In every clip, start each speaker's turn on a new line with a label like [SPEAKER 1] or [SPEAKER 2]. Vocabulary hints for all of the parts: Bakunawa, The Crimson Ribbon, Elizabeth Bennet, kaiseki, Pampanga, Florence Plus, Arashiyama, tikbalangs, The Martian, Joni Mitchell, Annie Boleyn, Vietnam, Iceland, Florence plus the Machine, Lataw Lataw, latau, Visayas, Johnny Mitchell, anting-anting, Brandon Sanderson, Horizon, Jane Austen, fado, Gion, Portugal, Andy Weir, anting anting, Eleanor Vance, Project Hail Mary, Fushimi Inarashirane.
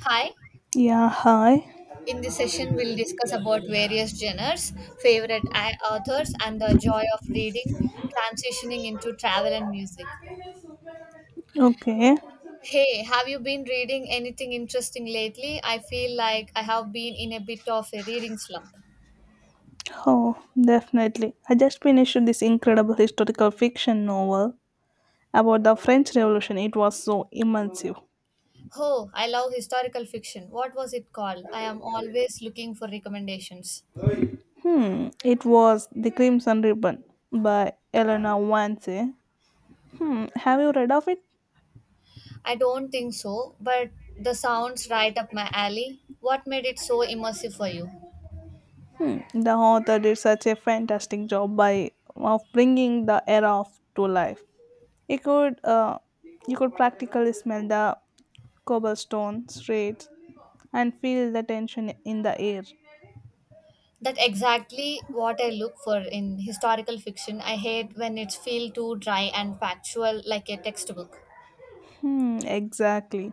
[SPEAKER 1] Hi.
[SPEAKER 2] Yeah, hi.
[SPEAKER 1] In this session, we'll discuss about various genres, favorite authors, and the joy of reading, transitioning into travel and music.
[SPEAKER 2] Okay.
[SPEAKER 1] Hey, have you been reading anything interesting lately? I feel like I have been in a bit of a reading slump.
[SPEAKER 2] Oh, definitely. I just finished this incredible historical fiction novel about the French Revolution. It was so immersive.
[SPEAKER 1] Oh, I love historical fiction. What was it called? I am always looking for recommendations.
[SPEAKER 2] It was The Crimson Ribbon by Eleanor Vance. Have you read of it?
[SPEAKER 1] I don't think so, but the sounds right up my alley. What made it so immersive for you?
[SPEAKER 2] Hmm. The author did such a fantastic job by of bringing the era of to life. You could uh, you could practically smell the cobblestone streets and feel the tension in the air.
[SPEAKER 1] That exactly what I look for in historical fiction. I hate when it feels too dry and factual like a textbook.
[SPEAKER 2] Exactly.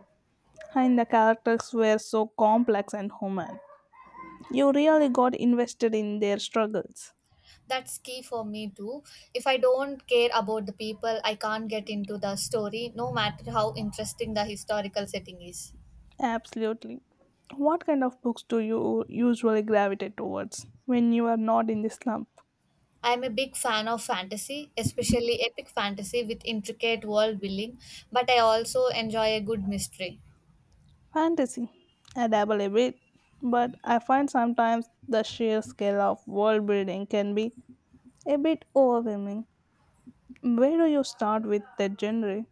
[SPEAKER 2] And the characters were so complex and human. You really got invested in their struggles.
[SPEAKER 1] That's key for me too. If I don't care about the people, I can't get into the story no matter how interesting the historical setting is.
[SPEAKER 2] Absolutely. What kind of books do you usually gravitate towards when you are not in the slump?
[SPEAKER 1] I am a big fan of fantasy, especially epic fantasy with intricate world building, but I also enjoy a good mystery.
[SPEAKER 2] Fantasy. I dabble a bit, but I find sometimes the sheer scale of world building can be a bit overwhelming. Where do you start with that genre?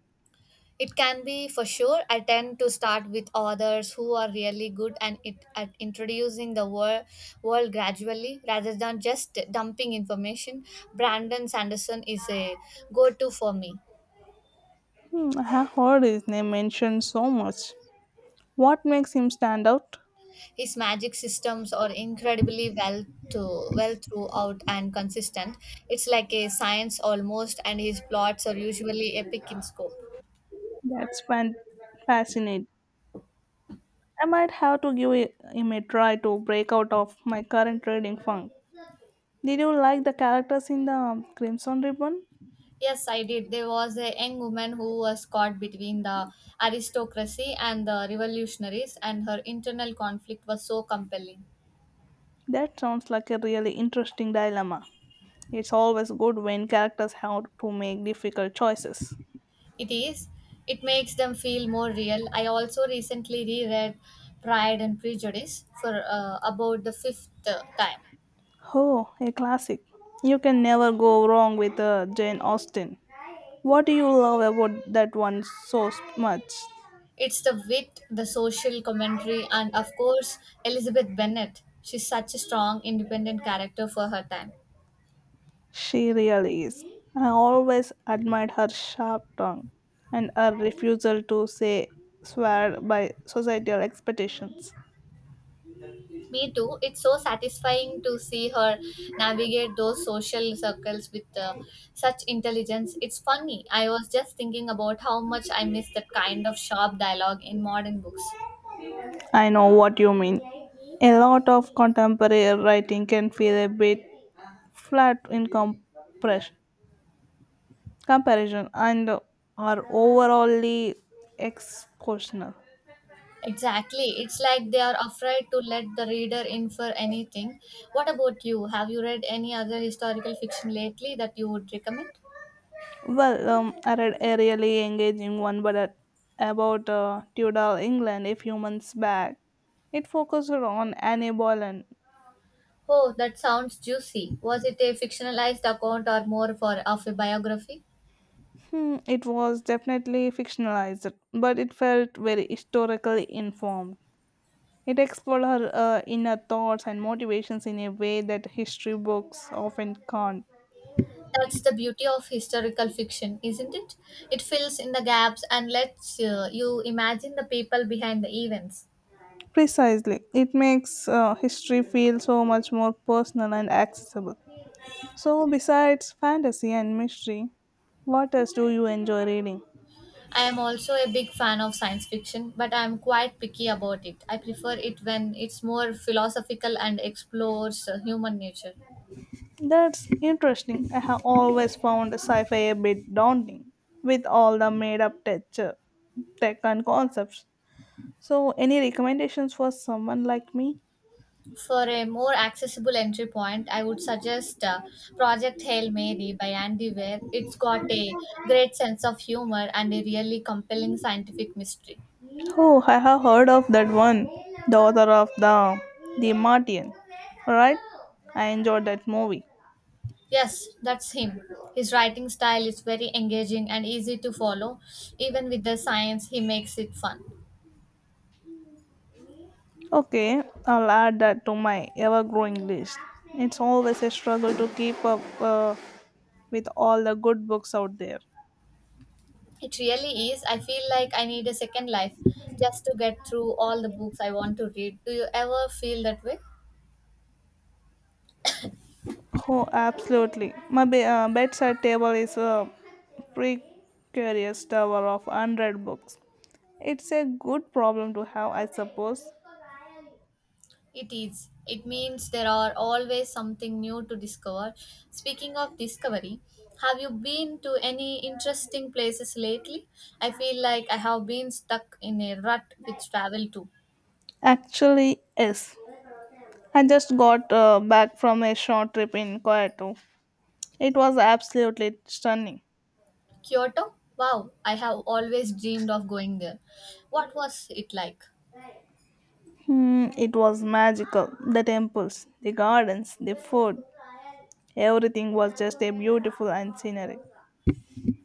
[SPEAKER 1] It can be for sure. I tend to start with authors who are really good and it at introducing the world gradually rather than just dumping information. Brandon Sanderson is a go-to for me.
[SPEAKER 2] I have heard his name mentioned so much. What makes him stand out?
[SPEAKER 1] His magic systems are incredibly to well throughout and consistent. It's like a science almost, and his plots are usually epic in scope.
[SPEAKER 2] That's fan- fascinating. I might have to give him a try to break out of my current reading funk. Did you like the characters in the Crimson Ribbon?
[SPEAKER 1] Yes, I did. There was a young woman who was caught between the aristocracy and the revolutionaries, and her internal conflict was so compelling.
[SPEAKER 2] That sounds like a really interesting dilemma. It's always good when characters have to make difficult choices.
[SPEAKER 1] It is. It makes them feel more real. I also recently reread Pride and Prejudice for about the fifth time.
[SPEAKER 2] Oh, a classic. You can never go wrong with Jane Austen. What do you love about that one so much?
[SPEAKER 1] It's the wit, the social commentary, and of course, Elizabeth Bennet. She's such a strong, independent character for her time.
[SPEAKER 2] She really is. I always admired her sharp tongue and her refusal to say swear by societal expectations.
[SPEAKER 1] Me too. It's so satisfying to see her navigate those social circles with such intelligence. It's funny. I was just thinking about how much I miss that kind of sharp dialogue in modern books.
[SPEAKER 2] I know what you mean. A lot of contemporary writing can feel a bit flat in compres- comparison and are overallly expositional.
[SPEAKER 1] Exactly. It's like they are afraid to let the reader infer anything. What about you? Have you read any other historical fiction lately that you would recommend?
[SPEAKER 2] Well, I read a really engaging one about Tudor England a few months back. It focused on Annie Boleyn.
[SPEAKER 1] Oh, that sounds juicy. Was it a fictionalized account or more for of a biography?
[SPEAKER 2] It was definitely fictionalized, but it felt very historically informed. It explored her inner thoughts and motivations in a way that history books often can't.
[SPEAKER 1] That's the beauty of historical fiction, isn't it? It fills in the gaps and lets you imagine the people behind the events.
[SPEAKER 2] Precisely. It makes history feel so much more personal and accessible. So, besides fantasy and mystery, what else do you enjoy reading?
[SPEAKER 1] I am also a big fan of science fiction, but I am quite picky about it. I prefer it when it's more philosophical and explores human nature.
[SPEAKER 2] That's interesting. I have always found sci fi a bit daunting with all the made up tech and concepts. So, any recommendations for someone like me?
[SPEAKER 1] For a more accessible entry point, I would suggest Project Hail Mary by Andy Weir. It's got a great sense of humor and a really compelling scientific mystery.
[SPEAKER 2] Oh, I have heard of that one. The author of The Martian. Right? I enjoyed that movie.
[SPEAKER 1] Yes, that's him. His writing style is very engaging and easy to follow. Even with the science, he makes it fun.
[SPEAKER 2] Okay, I'll add that to my ever-growing list. It's always a struggle to keep up with all the good books out there.
[SPEAKER 1] It really is. I feel like I need a second life just to get through all the books I want to read. Do you ever feel that way?
[SPEAKER 2] Oh, absolutely. My bedside table is a precarious tower of unread books. It's a good problem to have, I suppose.
[SPEAKER 1] It is. It means there are always something new to discover. Speaking of discovery, have you been to any interesting places lately? I feel like I have been stuck in a rut with travel too.
[SPEAKER 2] Actually, yes. I just got back from a short trip in Kyoto. It was absolutely stunning.
[SPEAKER 1] Kyoto? Wow, I have always dreamed of going there. What was it like?
[SPEAKER 2] It was magical. The temples, the gardens, the food, everything was just a beautiful and scenery.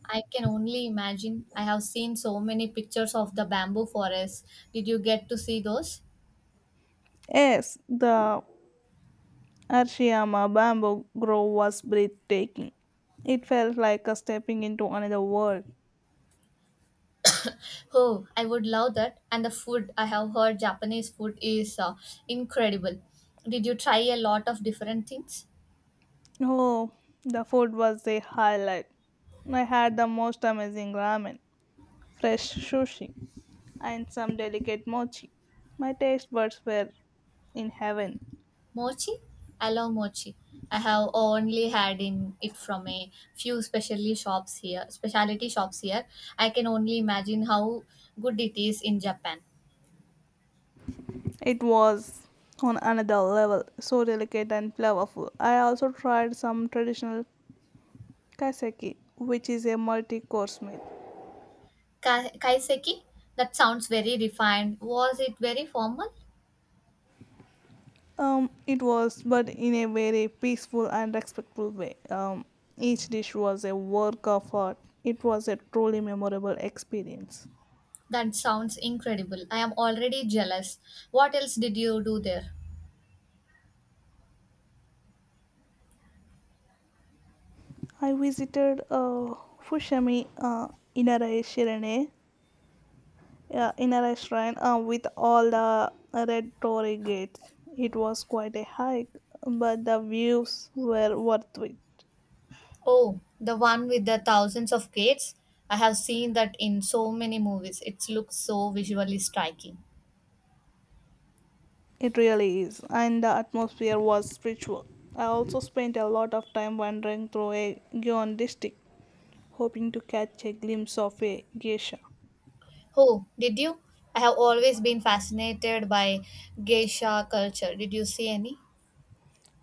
[SPEAKER 1] I can only imagine. I have seen so many pictures of the bamboo forests. Did you get to see those?
[SPEAKER 2] Yes, the Arashiyama bamboo grove was breathtaking. It felt like a stepping into another world.
[SPEAKER 1] Oh, I would love that. And the food, I have heard Japanese food is incredible. Did you try a lot of different things?
[SPEAKER 2] Oh, the food was a highlight. I had the most amazing ramen, fresh sushi, and some delicate mochi. My taste buds were in heaven.
[SPEAKER 1] Mochi? I love mochi. I have only had in it from a few specialty shops here. Specialty shops here. I can only imagine how good it is in Japan.
[SPEAKER 2] It was on another level, so delicate and flavorful. I also tried some traditional kaiseki, which is a multi-course meal.
[SPEAKER 1] Kaiseki? That sounds very refined. Was it very formal?
[SPEAKER 2] It was, but in a very peaceful and respectful way. Each dish was a work of art. It was a truly memorable experience.
[SPEAKER 1] That sounds incredible. I am already jealous. What else did you do there?
[SPEAKER 2] I visited Fushimi Inarashirane yeah, in a restaurant with all the red torii gates. It was quite a hike, but the views were worth it.
[SPEAKER 1] Oh, the one with the thousands of gates. I have seen that in so many movies. It looks so visually striking.
[SPEAKER 2] It really is, and the atmosphere was spiritual. I also spent a lot of time wandering through a Gion district, hoping to catch a glimpse of a geisha.
[SPEAKER 1] Oh, did you? I have always been fascinated by geisha culture. Did you see any?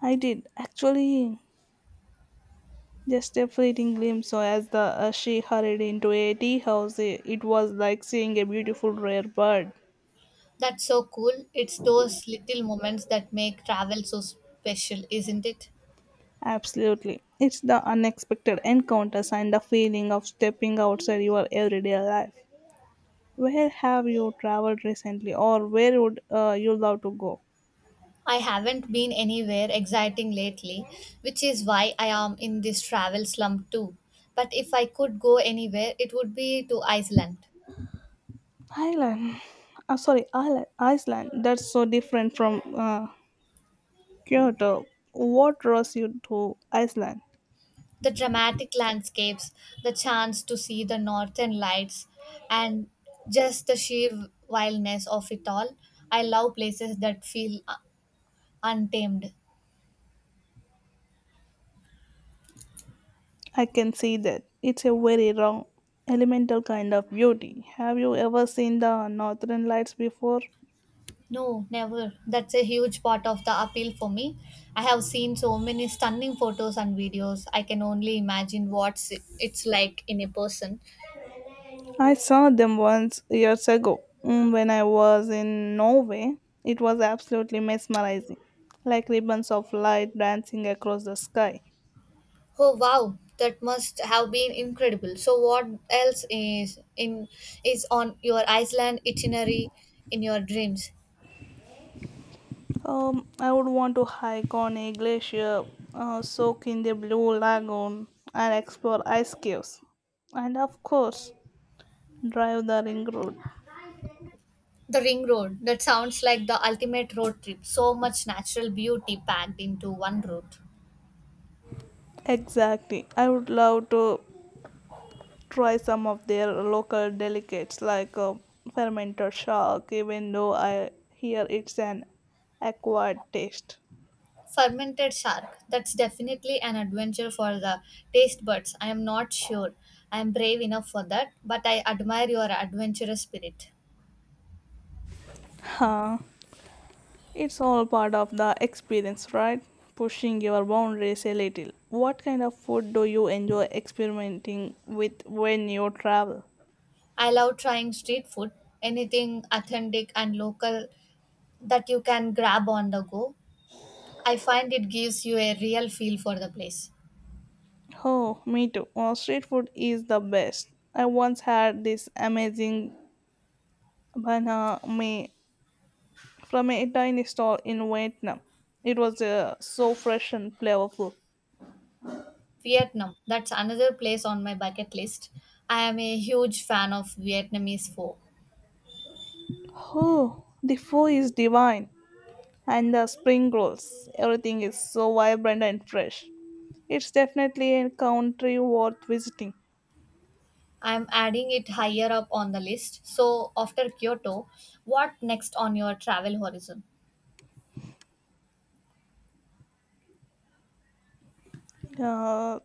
[SPEAKER 2] I did, actually, just a fleeting glimpse. So as the she hurried into a tea house, eh, it was like seeing a beautiful rare bird.
[SPEAKER 1] That's so cool. It's those little moments that make travel so special, isn't it?
[SPEAKER 2] Absolutely. It's the unexpected encounters and the feeling of stepping outside your everyday life. Where have you traveled recently, or where would you love to go?
[SPEAKER 1] I haven't been anywhere exciting lately, which is why I am in this travel slump too. But if I could go anywhere, it would be to Iceland.
[SPEAKER 2] Ireland. Sorry, Ireland. Iceland. That's so different from Kyoto. What draws you to Iceland?
[SPEAKER 1] The dramatic landscapes, the chance to see the northern lights, and just the sheer wildness of it all. I love places that feel untamed.
[SPEAKER 2] I can see that. It's a very wrong, elemental kind of beauty. Have you ever seen the northern lights before?
[SPEAKER 1] No, never. That's a huge part of the appeal for me. I have seen so many stunning photos and videos. I can only imagine what it's like in a person.
[SPEAKER 2] I saw them once years ago when I was in Norway. It was absolutely mesmerizing, like ribbons of light dancing across the sky.
[SPEAKER 1] Oh wow, that must have been incredible. So what else is on your Iceland itinerary in your dreams?
[SPEAKER 2] I would want to hike on a glacier, soak in the blue lagoon, and explore ice caves. And of course, drive the ring road.
[SPEAKER 1] The ring road. That sounds like the ultimate road trip. So much natural beauty packed into one route.
[SPEAKER 2] Exactly. I would love to try some of their local delicates like fermented shark, even though I hear it's an acquired taste.
[SPEAKER 1] Fermented shark. That's definitely an adventure for the taste buds. I am not sure I am brave enough for that, but I admire your adventurous spirit.
[SPEAKER 2] Huh. It's all part of the experience, right? Pushing your boundaries a little. What kind of food do you enjoy experimenting with when you travel?
[SPEAKER 1] I love trying street food, anything authentic and local that you can grab on the go. I find it gives you a real feel for the place.
[SPEAKER 2] Oh, me too. Street food is the best. I once had this amazing banh mi from a tiny stall in Vietnam. It was so fresh and flavorful.
[SPEAKER 1] Vietnam, that's another place on my bucket list. I am a huge fan of Vietnamese food.
[SPEAKER 2] Oh, the pho is divine, and the spring rolls. Everything is so vibrant and fresh. It's definitely a country worth visiting.
[SPEAKER 1] I am adding it higher up on the list. So, after Kyoto, what next on your travel horizon?
[SPEAKER 2] Uh,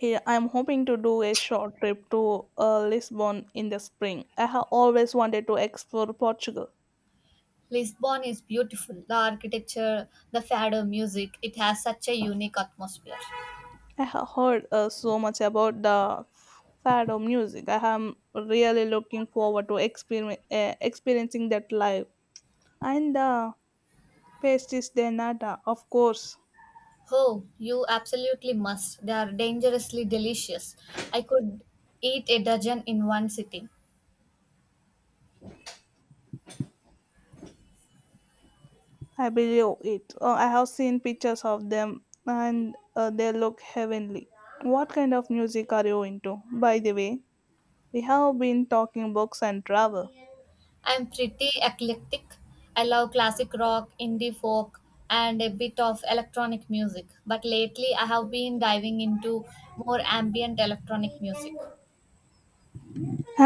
[SPEAKER 2] yeah, I'm hoping to do a short trip to Lisbon in the spring. I have always wanted to explore Portugal.
[SPEAKER 1] Lisbon is beautiful. The architecture, the fado music, it has such a unique atmosphere.
[SPEAKER 2] I have heard so much about the fado music. I am really looking forward to experiencing that live. And the pastis de nata, of course.
[SPEAKER 1] Oh, you absolutely must. They are dangerously delicious. I could eat a dozen in one sitting.
[SPEAKER 2] I believe it. I have seen pictures of them, and they look heavenly. What kind of music are you into? By the way, we have been talking books and travel.
[SPEAKER 1] I'm pretty eclectic. I love classic rock, indie folk, and a bit of electronic music. But lately, I have been diving into more ambient electronic music.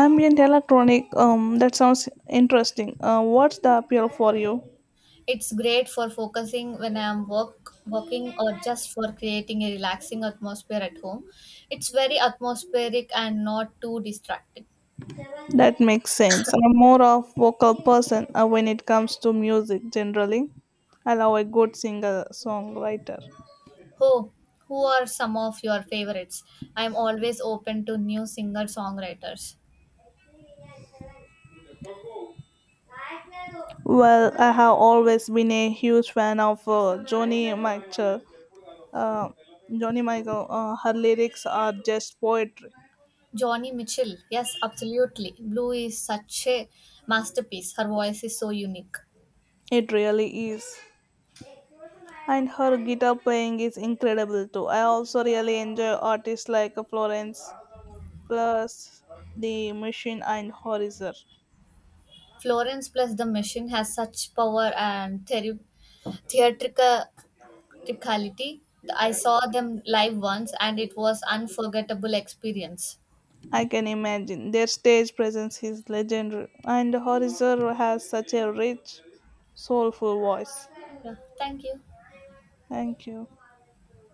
[SPEAKER 2] Ambient electronic, that sounds interesting. What's the appeal for you?
[SPEAKER 1] It's great for focusing when I am working or just for creating a relaxing atmosphere at home. It's very atmospheric and not too distracting.
[SPEAKER 2] That makes sense. I'm more of vocal person when it comes to music generally. I love a good singer songwriter.
[SPEAKER 1] Who, who are some of your favorites? I'm always open to new singer songwriters.
[SPEAKER 2] Well, I have always been a huge fan of Joni Mitchell. Uh, Joni Michael, her lyrics are just poetry.
[SPEAKER 1] Johnny Mitchell, yes, absolutely. Blue is such a masterpiece. Her voice is so unique.
[SPEAKER 2] It really is. And her guitar playing is incredible too. I also really enjoy artists like Florence Plus, The Machine, and Horizon.
[SPEAKER 1] Florence plus the Machine has such power and theatrical- theatricality. I saw them live once and it was unforgettable experience.
[SPEAKER 2] I can imagine. Their stage presence is legendary, and Horizon has such a rich, soulful voice.
[SPEAKER 1] Yeah, thank you.
[SPEAKER 2] Thank you.